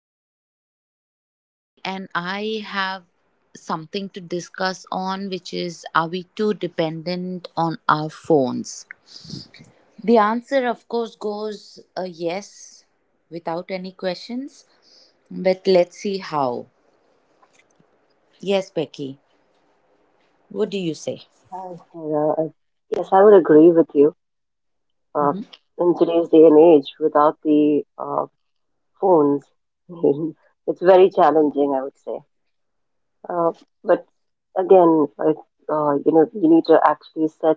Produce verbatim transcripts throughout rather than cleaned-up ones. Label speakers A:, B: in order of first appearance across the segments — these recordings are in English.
A: back, and Becky and I have something to discuss on, which is are we too dependent on our phones? The answer, of course, goes a yes without any questions, but let's see how. Yes, Becky, what do you say?
B: Hi, Sarah. I- uh, Yes, I would agree with you. Uh, in today's day and age, without the uh, phones, it's very challenging, I would say. Uh, but again, it, uh, you know, you need to actually set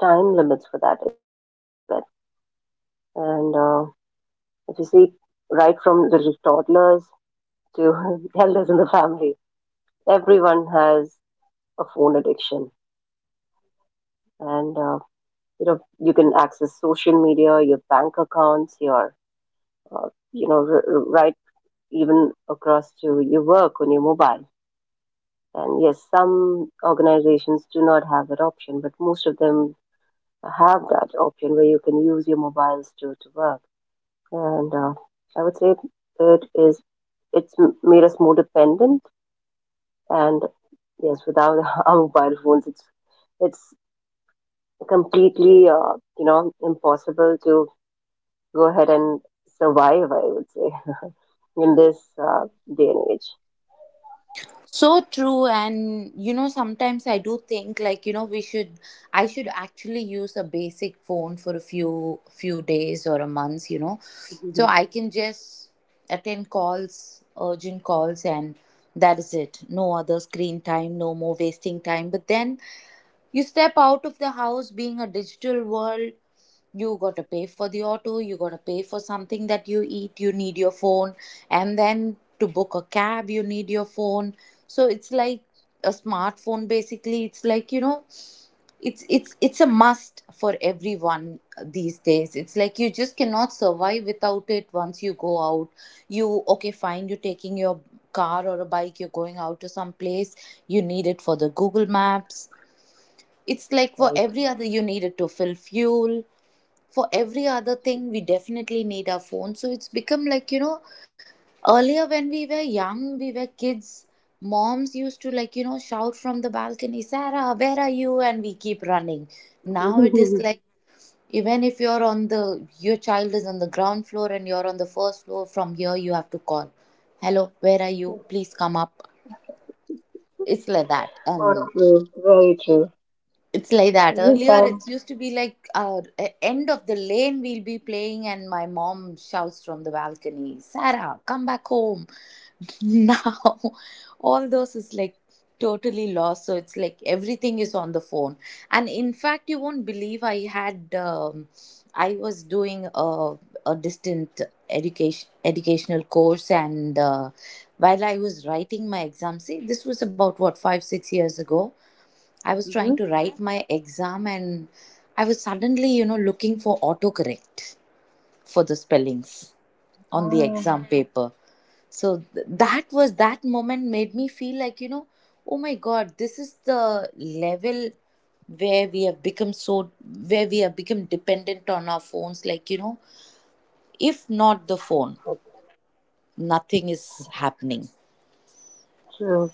B: time limits for that as well. And uh, If you see, right from little toddlers to elders in the family, everyone has a phone addiction, and uh, you know, you can access social media, your bank accounts, your uh, you know, r- r- right even across to your work on your mobile. And yes, some organizations do not have that option, but most of them have that option where you can use your mobiles to, to work. And uh, I would say it is it's m- made us more dependent. And yes, without our mobile phones, it's it's completely uh, you know impossible to go ahead and survive, I would say, in this uh, day and age.
A: So true, and you know, sometimes I do think like you know we should, I should actually use a basic phone for a few few days or a month, you know,
B: Mhm.
A: so I can just attend calls, urgent calls, and that is it. No other screen time, no more wasting time. But then you step out of the house being a digital world, you got to pay for the auto, you got to pay for something that you eat, you need your phone, and then to book a cab, you need your phone. So it's like a smartphone basically it's like you know it's it's it's a must for everyone these days. It's like you just cannot survive without it. Once you go out, you okay fine, you're taking your car or a bike, you're going out to some place, you need it for the Google Maps. It's like for
B: Very
A: every
B: true.
A: other you needed to fill fuel. For every other thing, we definitely need our phone. So it's become like, you know, earlier when we were young, we were kids, moms used to like, you know, shout from the balcony, Sarah, where are you? And we keep running. Now it is like, even if you're on the, your child is on the ground floor and you're on the first floor, from here you have to call, hello, where are you? Please come up. It's like that.
B: So
A: And
B: true. Very true.
A: it's like that.
B: And yes,
A: Earlier,
B: ma'am.
A: it used to be like uh, e- end of the lane we'll be playing, and my mom shouts from the balcony, "Sarah, come back home!" Now, all those is like totally lost. So it's like everything is on the phone. And in fact, you won't believe I had um, I was doing a a distant education educational course, and uh, while I was writing my exam, see, this was about what five six years ago. I was trying
B: Mm-hmm.
A: to write my exam and I was suddenly, you know, looking for autocorrect for the spellings on the
B: Ah,
A: exam paper. So th- that was that moment made me feel like, you know, oh my god, this is the level where we have become so where we have become dependent on our phones like, you know, if not the phone, nothing is happening.
B: true.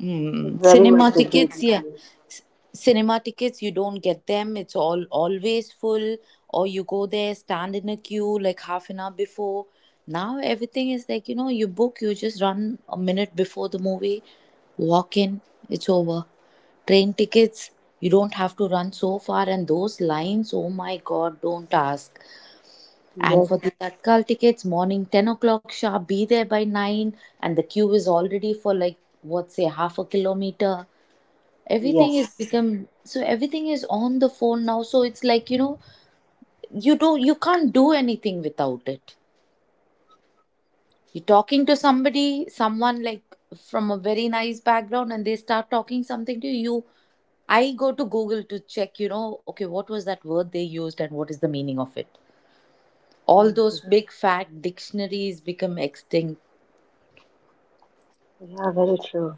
A: Mm,
B: Very
A: cinema
B: much agreed
A: tickets,
B: with
A: yeah.
B: you.
A: C- Cinema tickets, you don't get them. It's all always full, or you go there, stand in a queue like half an hour before. Now everything is like, you know, you book, you just run a minute before the movie, walk in, it's over. Train tickets, you don't have to run so far, and those lines, oh my god, don't ask. And for
B: Yes.
A: the Tatkal tickets, morning ten o'clock sharp, be there by nine. And the queue is already for like, what say, half a kilometer. Everything is
B: Yes.
A: become, so everything is on the phone now. So it's like, you know, you do, you can't do anything without it. You're talking to somebody, someone like from a very nice background and they start talking something to you. I go to Google to check, you know, okay, what was that word they used and what is the meaning of it? All
B: Mhm.
A: those big fat dictionaries become extinct.
B: Yeah, very true.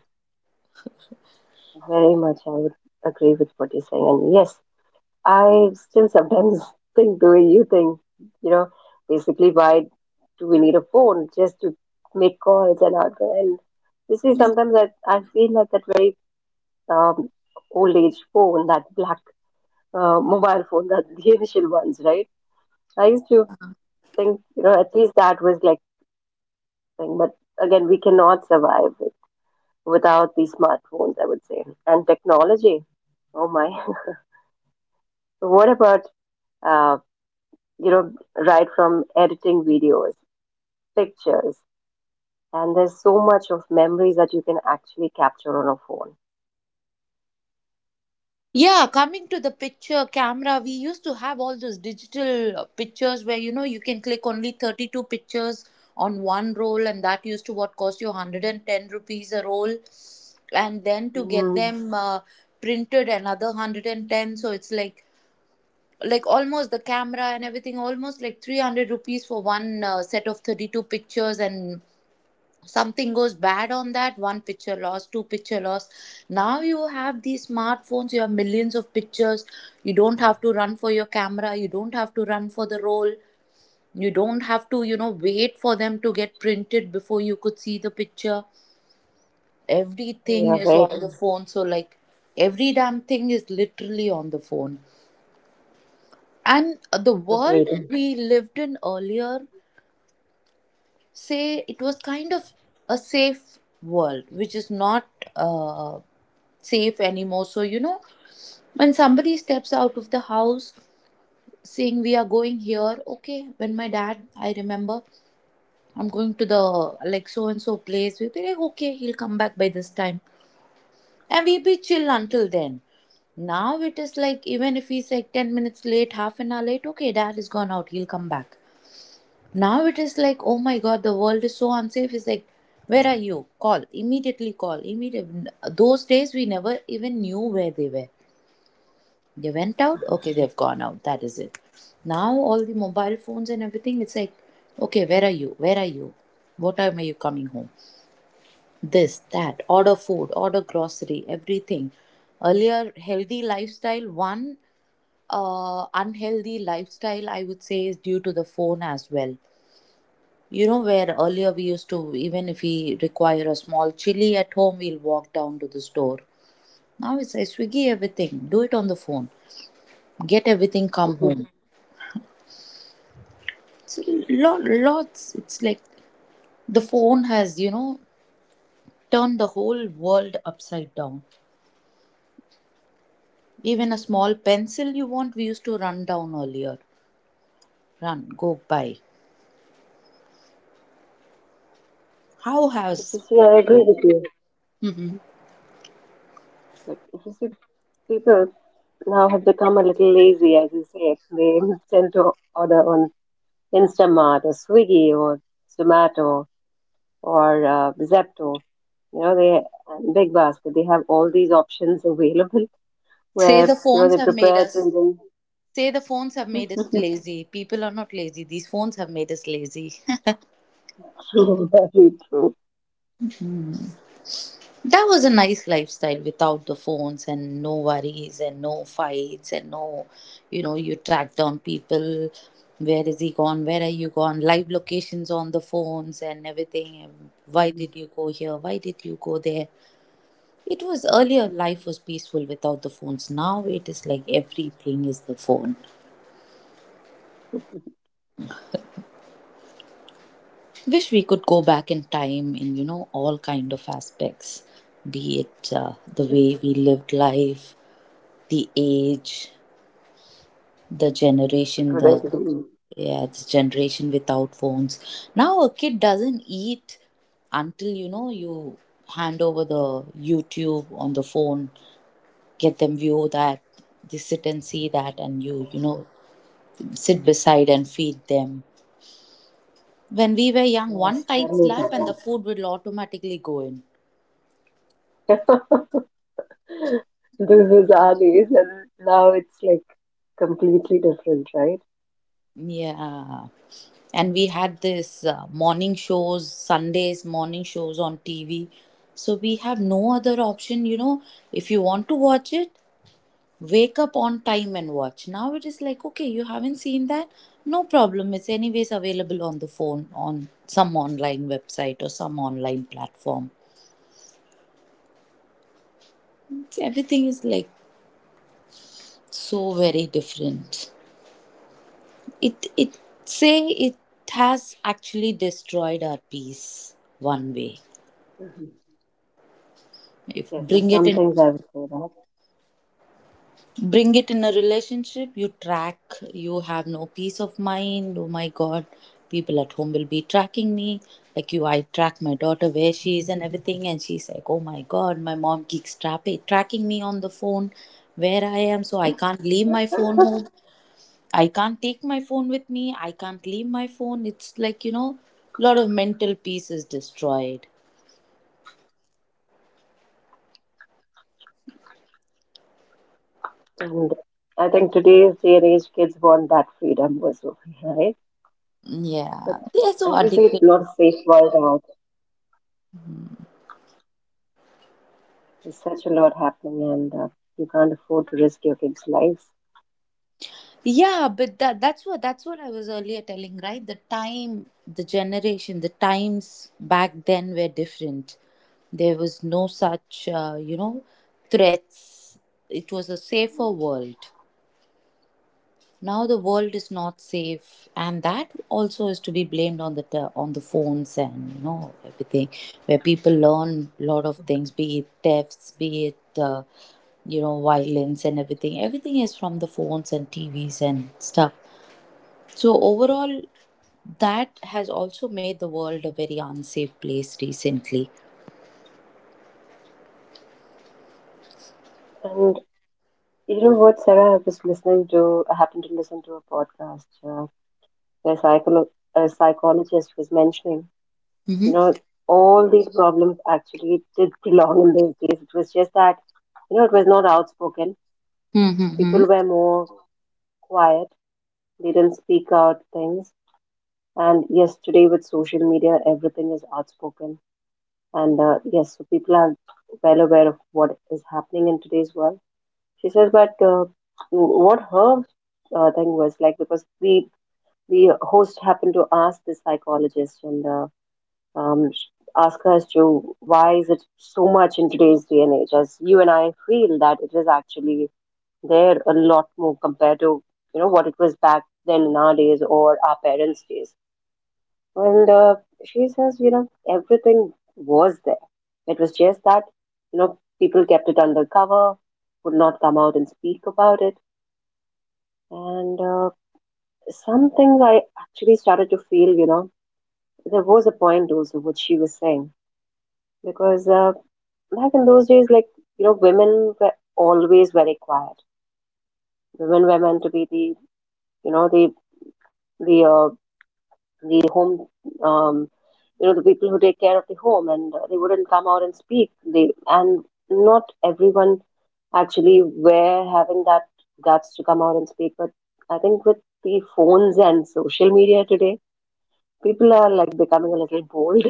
B: Very much I would agree with what you're saying. And yes, I still sometimes think the way you think, you know, basically why do we need a phone just to make calls and out there? And you see, sometimes I, I feel like that very um, old age phone, that black uh, mobile phone, that the initial ones, right? I used to think, you know, at least that was like thing, but again, we cannot survive with, without these smartphones, I would say, and technology. Oh my! What about uh, you know, right from editing videos, pictures, and there's so much of memories that you can actually capture on a phone.
A: Yeah, coming to the picture camera, we used to have all those digital uh, pictures where you know you can click only thirty-two pictures on one roll, and that used to what cost you one hundred ten rupees a roll, and then to
B: Mm,
A: get them uh, printed another one hundred ten. So it's like like almost the camera and everything almost like three hundred rupees for one uh, set of thirty-two pictures, and something goes bad on that, one picture loss, two picture loss. Now you have these smartphones, you have millions of pictures. You don't have to run for your camera, you don't have to run for the roll, you don't have to you know wait for them to get printed before you could see the picture.
B: we are
A: Everything
B: very
A: is
B: con-
A: on the phone, so like every damn thing is literally on the phone. And the world
B: agreed.
A: we lived in earlier, say it was kind of a safe world, which is not uh, safe anymore. So you know, when somebody steps out of the house saying we are going here, okay, when my dad, I remember, I'm going to the like so and so place, we'll be like okay, he'll come back by this time, and we'll be chill until then. Now it is like, even if he's like ten minutes late, half an hour late, okay, dad is gone out, he'll come back. Now it is like, oh my god, the world is so unsafe. It's like, where are you? Call immediately. Call immediately. Those days we never even knew where they were. They went out. Okay, they've gone out. That is it. Now all the mobile phones and everything. It's like, okay, where are you? Where are you? What time are you coming home? This, that, order food, order grocery, everything. Earlier, healthy lifestyle, one uh, unhealthy lifestyle, I would say, is due to the phone as well. You know, where earlier we used to, even if we require a small chili at home, we'll walk down to the store. Now it's like Swiggy everything. Do it on the phone. Get everything, come
B: Mhm.
A: home. It's lot, lots. It's like the phone has, you know, turned the whole world upside down. Even a small pencil you want, we used to run down earlier. Run, go buy. How has,
B: Because yeah, I agree with you. Like if you see people now have become a little lazy, as you say, they tend to order on Instamart or Swiggy or Zomato or uh, Zepto. You know, they and Big Basket. They have all these options available
A: say
B: where
A: the
B: you know
A: phones
B: they
A: have made
B: prepare it
A: us,
B: and then.
A: say the phones have made us lazy. People are not lazy. These phones have made us lazy.
B: True, very true.
A: That was a nice lifestyle without the phones and no worries and no fights and no, you know, you track down people. Where is he gone? Where are you gone? Live locations on the phones and everything. And why did you go here? Why did you go there? It was earlier life was peaceful without the phones. Now it is like everything is the phone. Wish we could go back in time in you know all kind of aspects, be it uh, the way we lived life, the age, the generation, the
B: Greatly.
A: yeah the generation without phones. Now a kid doesn't eat until you know you hand over the YouTube on the phone, get them view that, they sit and see that, and you you know sit beside and feed them. When we were young, one
B: Yes, tell
A: tight
B: me
A: slap and the
B: about
A: food will automatically go in.
B: that. This is our days, and now it's like completely different, right?
A: Yeah. And we had this uh, morning shows, Sundays morning shows on T V. So we have no other option, you know. If you want to watch it, wake up on time and watch. Now it is like, okay, you haven't seen that? No problem. It's anyways available on the phone, on some online website or some online platform. It's Everything is like so very different. It it say it has actually destroyed our peace one way.
B: Hmm.
A: If
B: Yes, and
A: bring it
B: some
A: in,
B: things I would say
A: bring it in a relationship, you track, you have no peace of mind. Oh my god, people at home will be tracking me, like you, I track my daughter where she is and
B: that.
A: everything, and she's like oh my god, my mom keeps trapping tracking me on the phone where I am. So I can't leave my phone home, I can't take my phone with me, I can't leave my phone. It's like you know a lot of mental peace is destroyed.
B: And I think today's day and age, kids want that freedom also, right? But
A: Yeah, they're so
B: as you say, it's
A: addicted.
B: not a safe world out. There's such a lot happening, and uh, you can't afford to risk your kids' lives.
A: Yeah, but that that's what that's what I was earlier telling, right? The time, the generation, the times back then were different. There was no such, uh, you know, threats. It was a safer world. Now the world is not safe, and that also is to be blamed on the te- on the phones and you know everything, where people learn a lot of things, be it thefts, be it uh, you know violence and everything. Everything is from the phones and T Vs and stuff. So overall, that has also made the world a very unsafe place recently.
B: And you know what, Sarah? I was listening to, I happened to listen to a podcast uh, the psycholo- a psychologist was mentioning. You know, all these problems actually did belong in those days. It was just that, you know, it was not outspoken. People
A: Mm-hmm.
B: were more quiet. They didn't speak out things. And yes, today with social media, everything is outspoken. And uh, Yes, so people are well aware of what is happening in today's world. She says, but uh, what her uh, thing was like, because the the host happened to ask the psychologist and uh, um, ask as to why is it so much in today's day and age? As you and I feel that it is actually there a lot more compared to you know what it was back then in our days or our parents' days. And uh, She says, you know, everything was there. It was just that you know people kept it undercover, would not come out and speak about it. And uh, Some things I actually started to feel, you know, there was a point also what she was saying because. Uh, Back in those days, like, you know, women were always very quiet. Women were meant to be the, you know, the, the, uh, the home, um, you know, the people who take care of the home and uh, they wouldn't come out and speak. They, and not everyone actually were having that guts to come out and speak. But I think with the phones and social media today, people are like becoming a little bold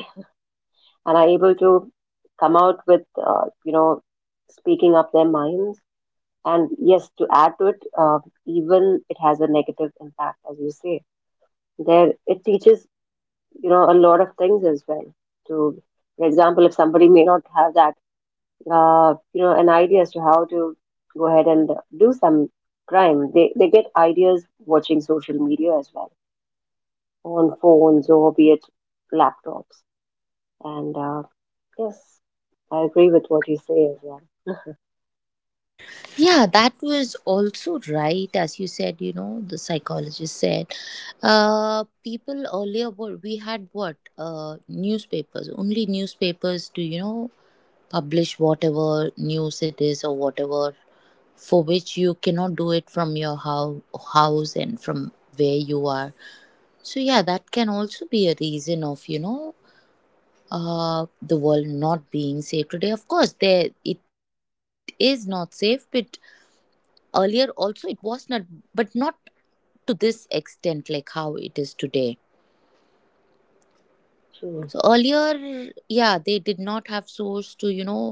B: and are able to come out with, uh, you know, speaking up their minds. And yes, to add to it, uh, even it has a negative impact, as you say. There, it teaches, you know, a lot of things as well. To, for example, if somebody may not have that, uh, you know, an idea as to how to go ahead and do some crime, they they get ideas watching social media as well on phones or be it laptops. And uh, Yes, I agree with what you say as well.
A: Yeah, that was also right, as you said, you know, the psychologist said. Uh, people earlier were, we had what? Uh, newspapers, only newspapers to, you know, publish whatever news it is or whatever, for which you cannot do it from your hou- house and from where you are. So, yeah, that can also be a reason of, you know, uh, the world not being safe today. Of course, there it is not safe, but earlier also it was not, but not to this extent like how it is today. So
B: Hmm.
A: earlier, yeah, they did not have source to you know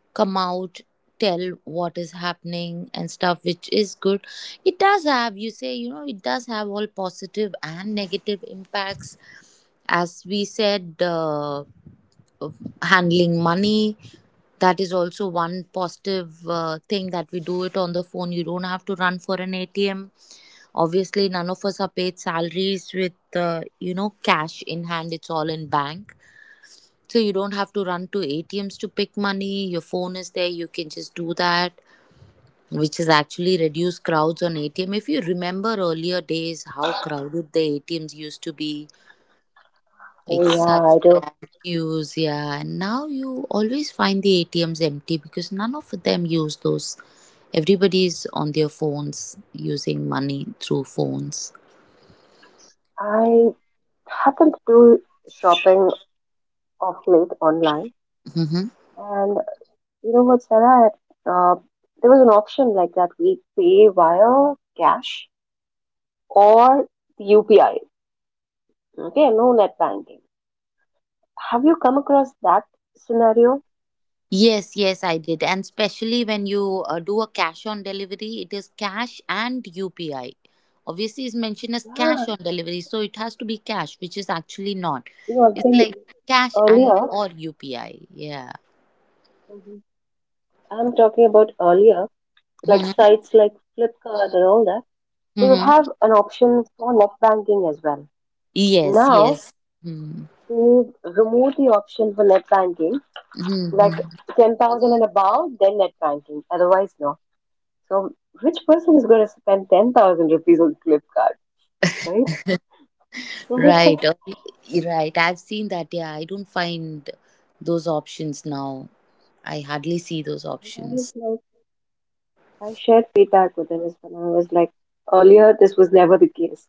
A: come out, tell what is happening and stuff, which is good. It does have, you say, you know it does have all positive and negative impacts. As we said, uh, of handling money, that is also one positive uh, thing, that we do it on the phone. You don't have to run for an atm. Obviously, none of us are paid salaries with, uh, you know, cash in hand. It's all in bank. So you don't have to run to A T Ms to pick money. Your phone is there. You can just do that, which has actually reduced crowds on A T M. If you remember earlier days, how crowded the A T Ms used to be,
B: So
A: like
B: yeah,
A: such
B: I do.
A: long queues. Yeah, and now you always find the A T Ms empty because none of them use those. Everybody's on their phones using money through phones.
B: I happen to do shopping of late online.
A: Hmm.
B: And you know what, Sarah? Uh, there was an option like that. We pay via cash or U P I. Okay, no net banking. Have you come across that scenario?
A: Yes, yes, I did. And especially when you uh, do a cash on delivery, it is cash and U P I. Obviously, it's mentioned as
B: Yeah,
A: cash on delivery, so it has to be cash, which is actually not.
B: you know, I'm
A: It's
B: saying
A: like cash and
B: earlier.
A: or U P I. Yeah.
B: Mhm. I'm talking about earlier, like
A: Mm-hmm.
B: sites like Flipkart and all that. They would
A: Mm-hmm.
B: have an option for net banking as well.
A: Yes,
B: Now
A: yes. Mm-hmm.
B: they remove the option for net banking like
A: Mm-hmm.
B: ten thousand and above, then net banking. Otherwise, no. So, which person is going to spend ten thousand rupees on Flipkart, right? And
A: Right.
B: I
A: Oh, right. I've seen that. Yeah, I don't find those options now. I hardly see those
B: was
A: options.
B: like, I shared feedback with him as well. I was like, earlier this was never the case.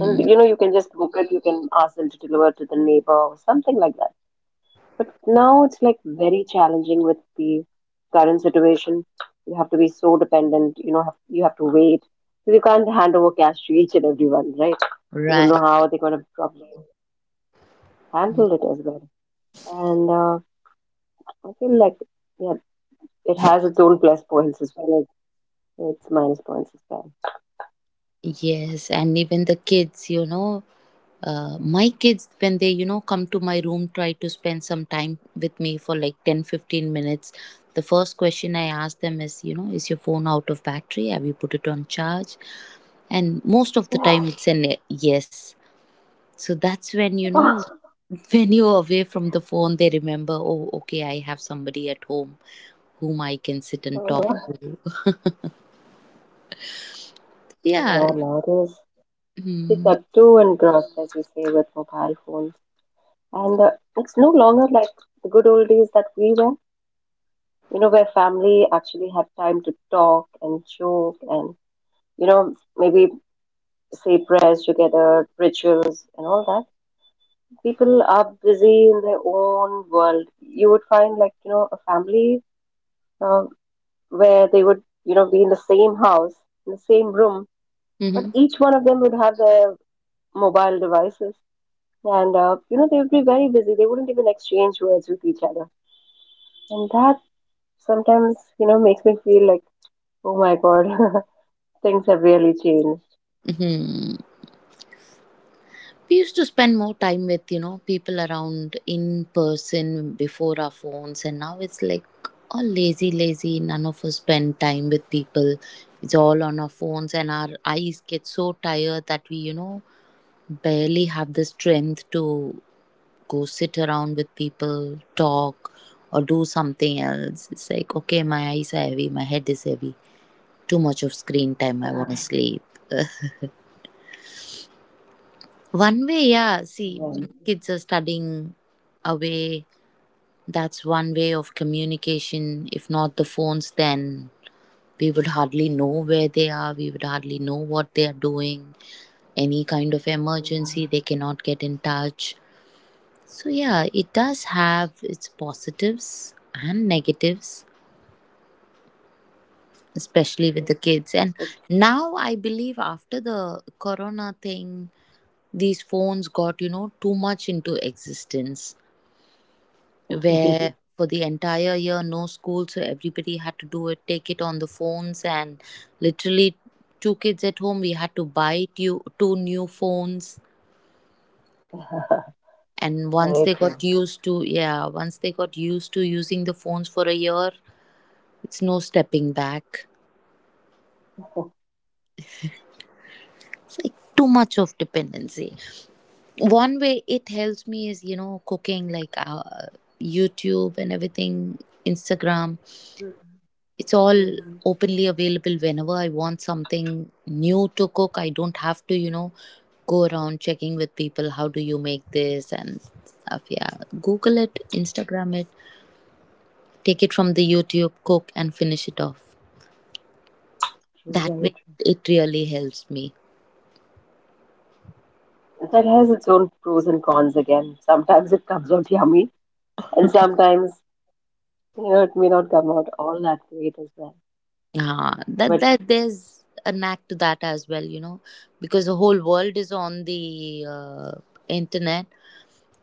B: And you know, you can just book it, you can ask them to deliver to the neighbor or something like that. But now it's like very challenging with the current situation. You have to be so dependent, you know, have, you have to wait. You can't hand over cash to each and everyone, right? You don't know
A: Right.
B: how they're going to probably handle it as well. And uh, I feel like, yeah, it has its own plus points as well as its minus points as well.
A: Yes, and even the kids, you know, uh, my kids, when they, you know, come to my room, try to spend some time with me for like ten, fifteen minutes. The first question I ask them is, you know, is your phone out of battery? Have you put it on charge? And most of the time it's an yes. So that's when, you know, when you're away from the phone, they remember, oh, okay, I have somebody at home whom I can sit and
B: Oh,
A: talk.
B: oh,
A: Yeah.
B: yeah, nowadays it's
A: Mm-hmm.
B: up to and gross, as you say, with mobile phones. And uh, It's no longer like the good old days that we were, you know, where family actually had time to talk and joke and, you know, maybe say prayers together, rituals and all that. People are busy in their own world. You would find like, you know, a family uh, where they would, you know, be in the same house, in the same room, but
A: Mm-hmm.
B: each one of them would have their mobile devices. And, uh, you know, they would be very busy. They wouldn't even exchange words with each other. And that sometimes, you know, makes me feel like, oh my God, things have really changed.
A: Mm-hmm. We used to spend more time with, you know people around in person before our phones, and now it's like all lazy, lazy. None of us spend time with people. It's all on our phones, and our eyes get so tired that we, you know barely have the strength to go sit around with people, talk, or do something else. It's like, okay, my eyes are heavy, my head is heavy, too much of screen time, I want to
B: Yeah.
A: sleep. One way, yeah,
B: So
A: see,
B: when
A: kids are studying away. That's one way of communication. If not the phones, then we would hardly know where they are, we would hardly know what they are doing. Any kind of
B: people
A: emergency,
B: are
A: they cannot get in touch. So, yeah, it does have its positives and negatives, especially with
B: True.
A: the kids. And
B: It's
A: now I believe after the corona thing, these phones got, you know, too much into existence, where for the entire year no school, so everybody had to do it, take it on the phones, and literally two kids at home, we had to buy two, two new phones. And once they
B: very
A: got
B: true.
A: used to, yeah, once they got used to using the phones for a year, it's no stepping back.
B: Mhm.
A: Too much of dependency. One way it helps me is, you know, cooking, like, uh, youtube and everything, instagram, it's all openly available. Whenever I want something new to cook, I don't have to, you know, go around checking with people how do you make this and stuff. Yeah, google it, instagram it, take it from the youtube, cook and finish it off.
B: True,
A: That
B: very
A: way
B: true.
A: it really helps me.
B: That has its own pros and cons again. Sometimes it comes out yummy, and sometimes, you know, it may not come out all that great as well.
A: uh, that
B: But
A: that there's a knack to that as well, you know, because the whole world is on the uh, internet.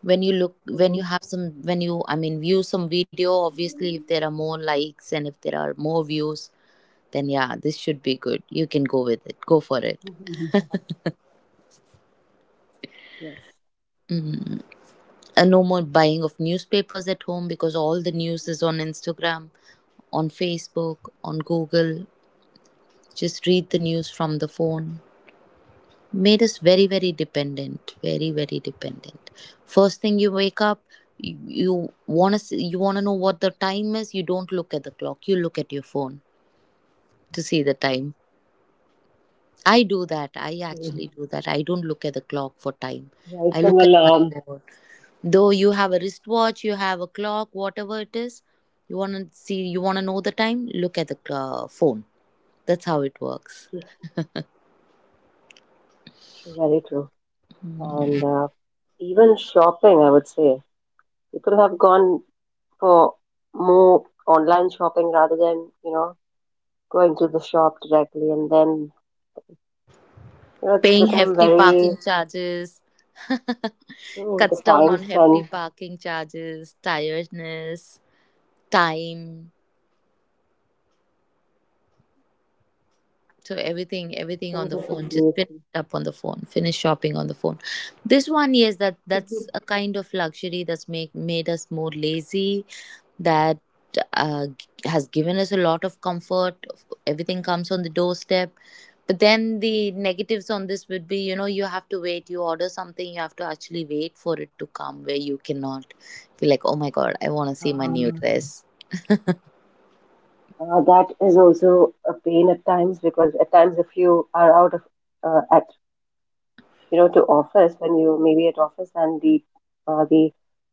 A: When you look, when you
B: Mhm.
A: have some, when you, I mean, view some video, obviously if there are more likes and if there are more views, then yeah, this should be good, you can go with it, go for it.
B: Mhm. Yes,
A: Hmm. And no more buying of newspapers at home, because all the news is on instagram, on facebook, on google. Just read the news from the phone. Made us very, very dependent, very, very dependent. First thing you wake up, you, you want to, you want to know what the time is, you don't look at the clock, you look at your phone to see the time. I do that. I actually
B: true.
A: do that. I don't look at the clock for time.
B: Right
A: I
B: from
A: look at my
B: alarm.
A: phone. Though you have a wristwatch, you have a clock, whatever it is, you want to see, you want to know the time, look at the uh, phone. That's how it works.
B: True, very true. And uh, Even shopping, I would say, people have gone for more online shopping rather than you know going to the shop directly and then you know it's
A: Paying
B: become
A: hefty parking
B: very
A: charges.
B: true the
A: Cuts down
B: time
A: on hefty
B: spent
A: parking charges, tiredness, time. So everything, everything on
B: things
A: the
B: are
A: phone. Just finish
B: completely
A: it up on the phone. Finish shopping on the phone. This one, yes, that that's a kind of luxury that's make made us more lazy. That uh, g- has given us a lot of comfort. Everything comes on the doorstep. But then the negatives on this would be, you know, you have to wait. You order something, you have to actually wait for it to come, where you cannot be like, oh my god, I want to see my new
B: um,
A: dress.
B: uh, that is also a pain at times because at times if you are out of uh, at you know to office when you maybe at office and the uh, the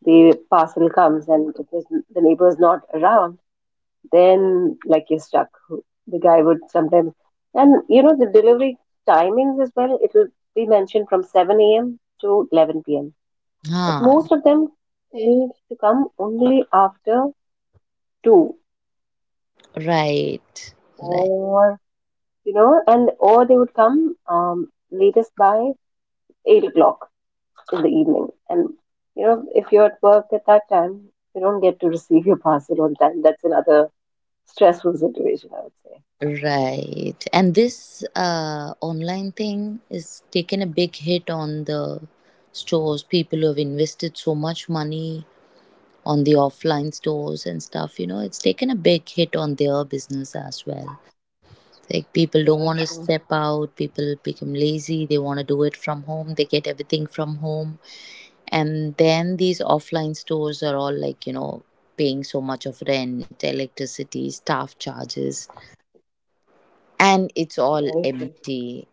B: the parcel comes and it was the neighbor's not around then like you're stuck. The guy would sometimes, and you know, the delivery timings as well, it will be mentioned from seven a m to eleven p m. But
A: Ah,
B: most of them tend to come only after two
A: right, right.
B: or, you know, and or they would come um, latest by eight o'clock in the evening. And, you know, if you're at work at that time, you don't get to receive your parcel on time. That's another stressful situation, I would say.
A: Right. And this uh, online thing is taken a big hit on the stores. People who have invested so much money on the offline stores and stuff, you know, it's taken a big hit on their business as well. Like, people don't
B: Yeah,
A: want to
B: true.
A: step out, people become lazy, they want to do it from home, they get everything from home. And then these offline stores are all like, you know, paying so much of rent, electricity, staff charges, and it's all
B: Very true.
A: empty.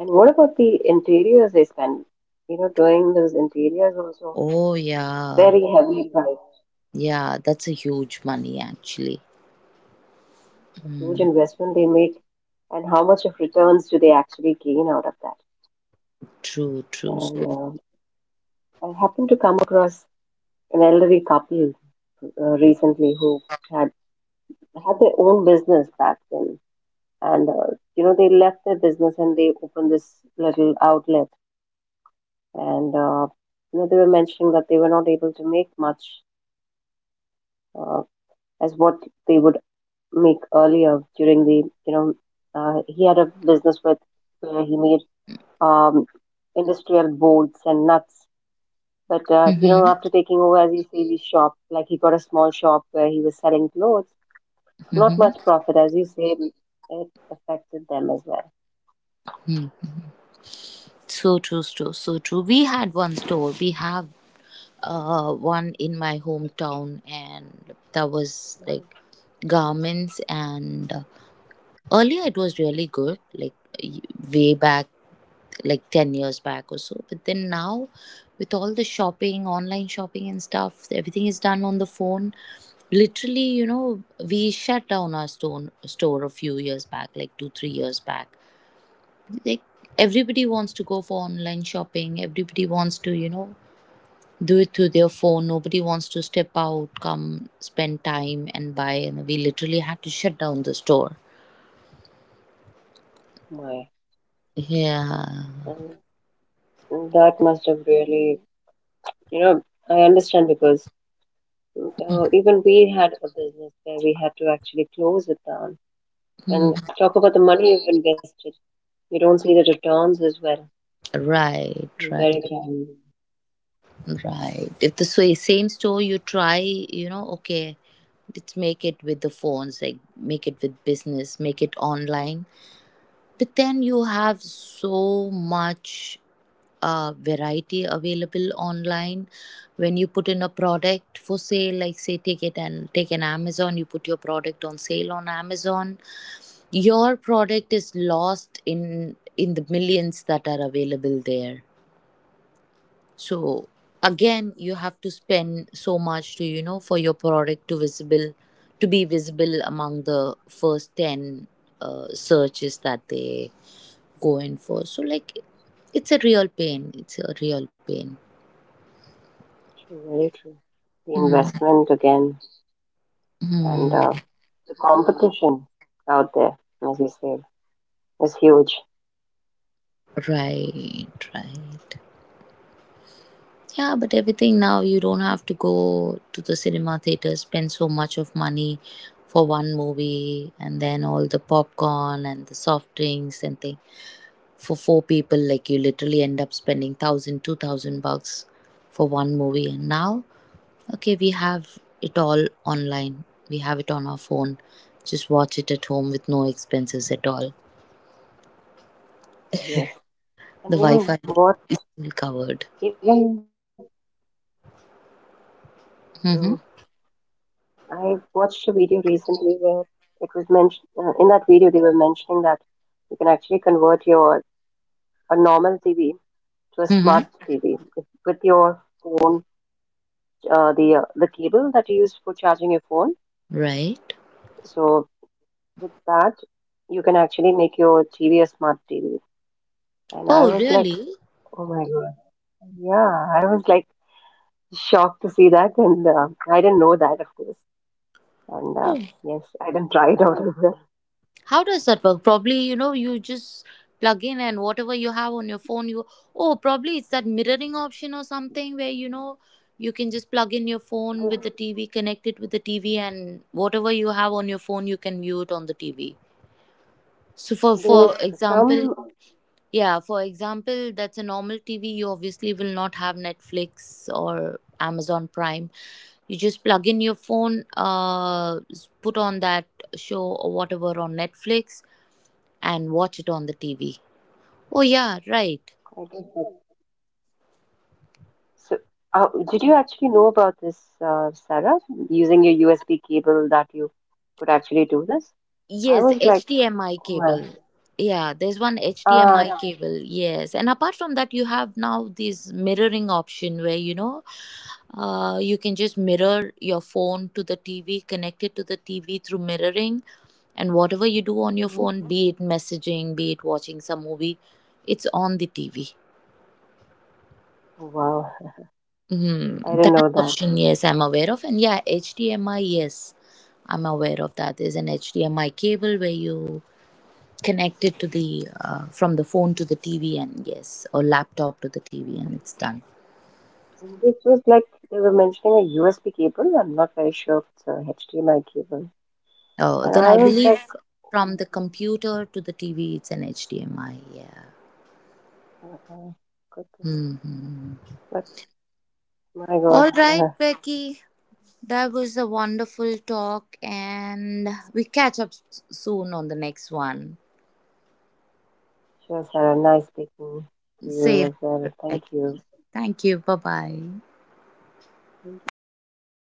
B: And what about the interiors they spend? You know, doing those interiors also
A: Oh, yeah.
B: very heavily priced,
A: Yeah, that's a huge money actually.
B: a huge
A: Mm,
B: investment they make, and how much of returns do they actually gain out of that?
A: true, true.
B: And
A: So,
B: uh, I happened to come across an elderly couple uh, recently who had had their own business back then, and uh, you know they left their business and they opened this little outlet, and uh, you know they were mentioning that they were not able to make much uh, as what they would make earlier during the you know uh, he had a business with where he made um, industrial bolts and nuts, but uh, you know
A: hmm,
B: after taking over as you say the shop like he got a small shop where he was selling clothes, not
A: hmm,
B: much profit as you say, it affected them as well.
A: so true, so, so true. We had one store. We have uh, one in my hometown, and that was like garments. And uh, earlier it was really good, like, y- way back, like ten years back or so, but then now, with all the shopping, online shopping and stuff, everything is done on the phone. Literally, you know, we shut down our store store a few years back, like two three years back. Like, everybody wants to go for online shopping, everybody wants to, you know, do it through their phone, nobody wants to step out, come, spend time and buy, and we literally had to shut down the store.
B: My,
A: Yeah.
B: and that must have really, you know, I understand because uh, even we had a business where we had to actually close it down
A: Hmm.
B: and talk about the money you've invested. You don't see the returns as well.
A: Right,
B: Very
A: right.
B: true.
A: Right. If the sa- same store you try, you know, okay, let's make it with the phones, like make it with business, make it online. But then you have so much uh, variety available online. When you put in a product for sale, like say take it and take an Amazon, you put your product on sale on Amazon. Your product is lost in in the millions that are available there. So again, you have to spend so much to, you know, for your product to visible, to be visible among the first ten uh, searches that they go in for. So, like, it's a real pain, it's a real pain.
B: True, very true. The investment again and
A: Hmm.
B: uh, the competition out there, as you said, is huge.
A: Right, right. Yeah, but everything now, you don't have to go to the cinema theater, spend so much of money for one movie, and then all the popcorn and the soft drinks and thing. For four people, like, you literally end up spending thousand, two thousand bucks for one movie. And now, okay, we have it all online, we have it on our phone, just watch it at home with no expenses at all.
B: Yes.
A: The
B: And you know
A: wi-fi
B: what?
A: is
B: Even
A: covered.
B: true.
A: Mm-hmm.
B: I watched a video recently where it was mentioned, uh, in that video, they were mentioning that you can actually convert your a normal T V to a smart T V
A: Mm-hmm.
B: if, with your phone, uh, the uh, the cable that you use for charging your phone.
A: Right.
B: So with that you can actually make your T V a smart T V. And I
A: Oh
B: was like,
A: really.
B: oh my god, yeah, I was like shocked to see that, and uh, I didn't know that, of course. And
A: Oh.
B: uh, Yes, I didn't try it out as well.
A: How does that work? Probably, you know, you just plug in and whatever you have on your phone, you, oh, probably it's that mirroring option or something, where, you know, you can just plug in your phone with the T V, connect it with the T V, and whatever you have on your phone, you can view it on the T V. So for
B: There's
A: for example,
B: some,
A: yeah, for example, that's a normal T V. You obviously will not have Netflix or Amazon Prime. You just plug in your phone, uh, s- put on that show or whatever on Netflix, and watch it on the T V. Oh, yeah, right.
B: I guess, that- so uh, did you actually know about this, uh, Sarah, using your U S B cable that you could actually do this? I
A: Yes,
B: was like,
A: H D M I
B: oh my,
A: cable. Yeah, there's one
B: uh,
A: H D M I cable. Yes. And apart from that, you have now this mirroring option where, you know, uh, you can just mirror your phone to the T V, connect it to the T V through mirroring. And whatever you do on your
B: mhm.
A: phone, be it messaging, be it watching some movie, it's on the T V.
B: Wow,
A: Hmm.
B: I didn't
A: That
B: know that.
A: option, yes, I'm aware of. And yeah, H D M I, yes, I'm aware of that. There's an H D M I cable where you connect it to the uh, from the phone to the T V, and yes, or laptop to the T V, and it's done.
B: And this was like they were mentioning a U S B cable. I'm not very sure if it's a H D M I cable.
A: Oh,
B: And
A: then
B: I
A: I
B: was
A: believe
B: like,
A: from the computer to the T V, it's an H D M I. Yeah.
B: uh-uh, good.
A: Mm-hmm.
B: But my God,
A: All right, Becky. That was a wonderful talk, and we catch up s- soon on the next one.
B: she has had a nice speaking to you
A: Safe,
B: as well. Thank
A: Becky.
B: you.
A: Thank you. Bye bye.
B: Thank you. Bye.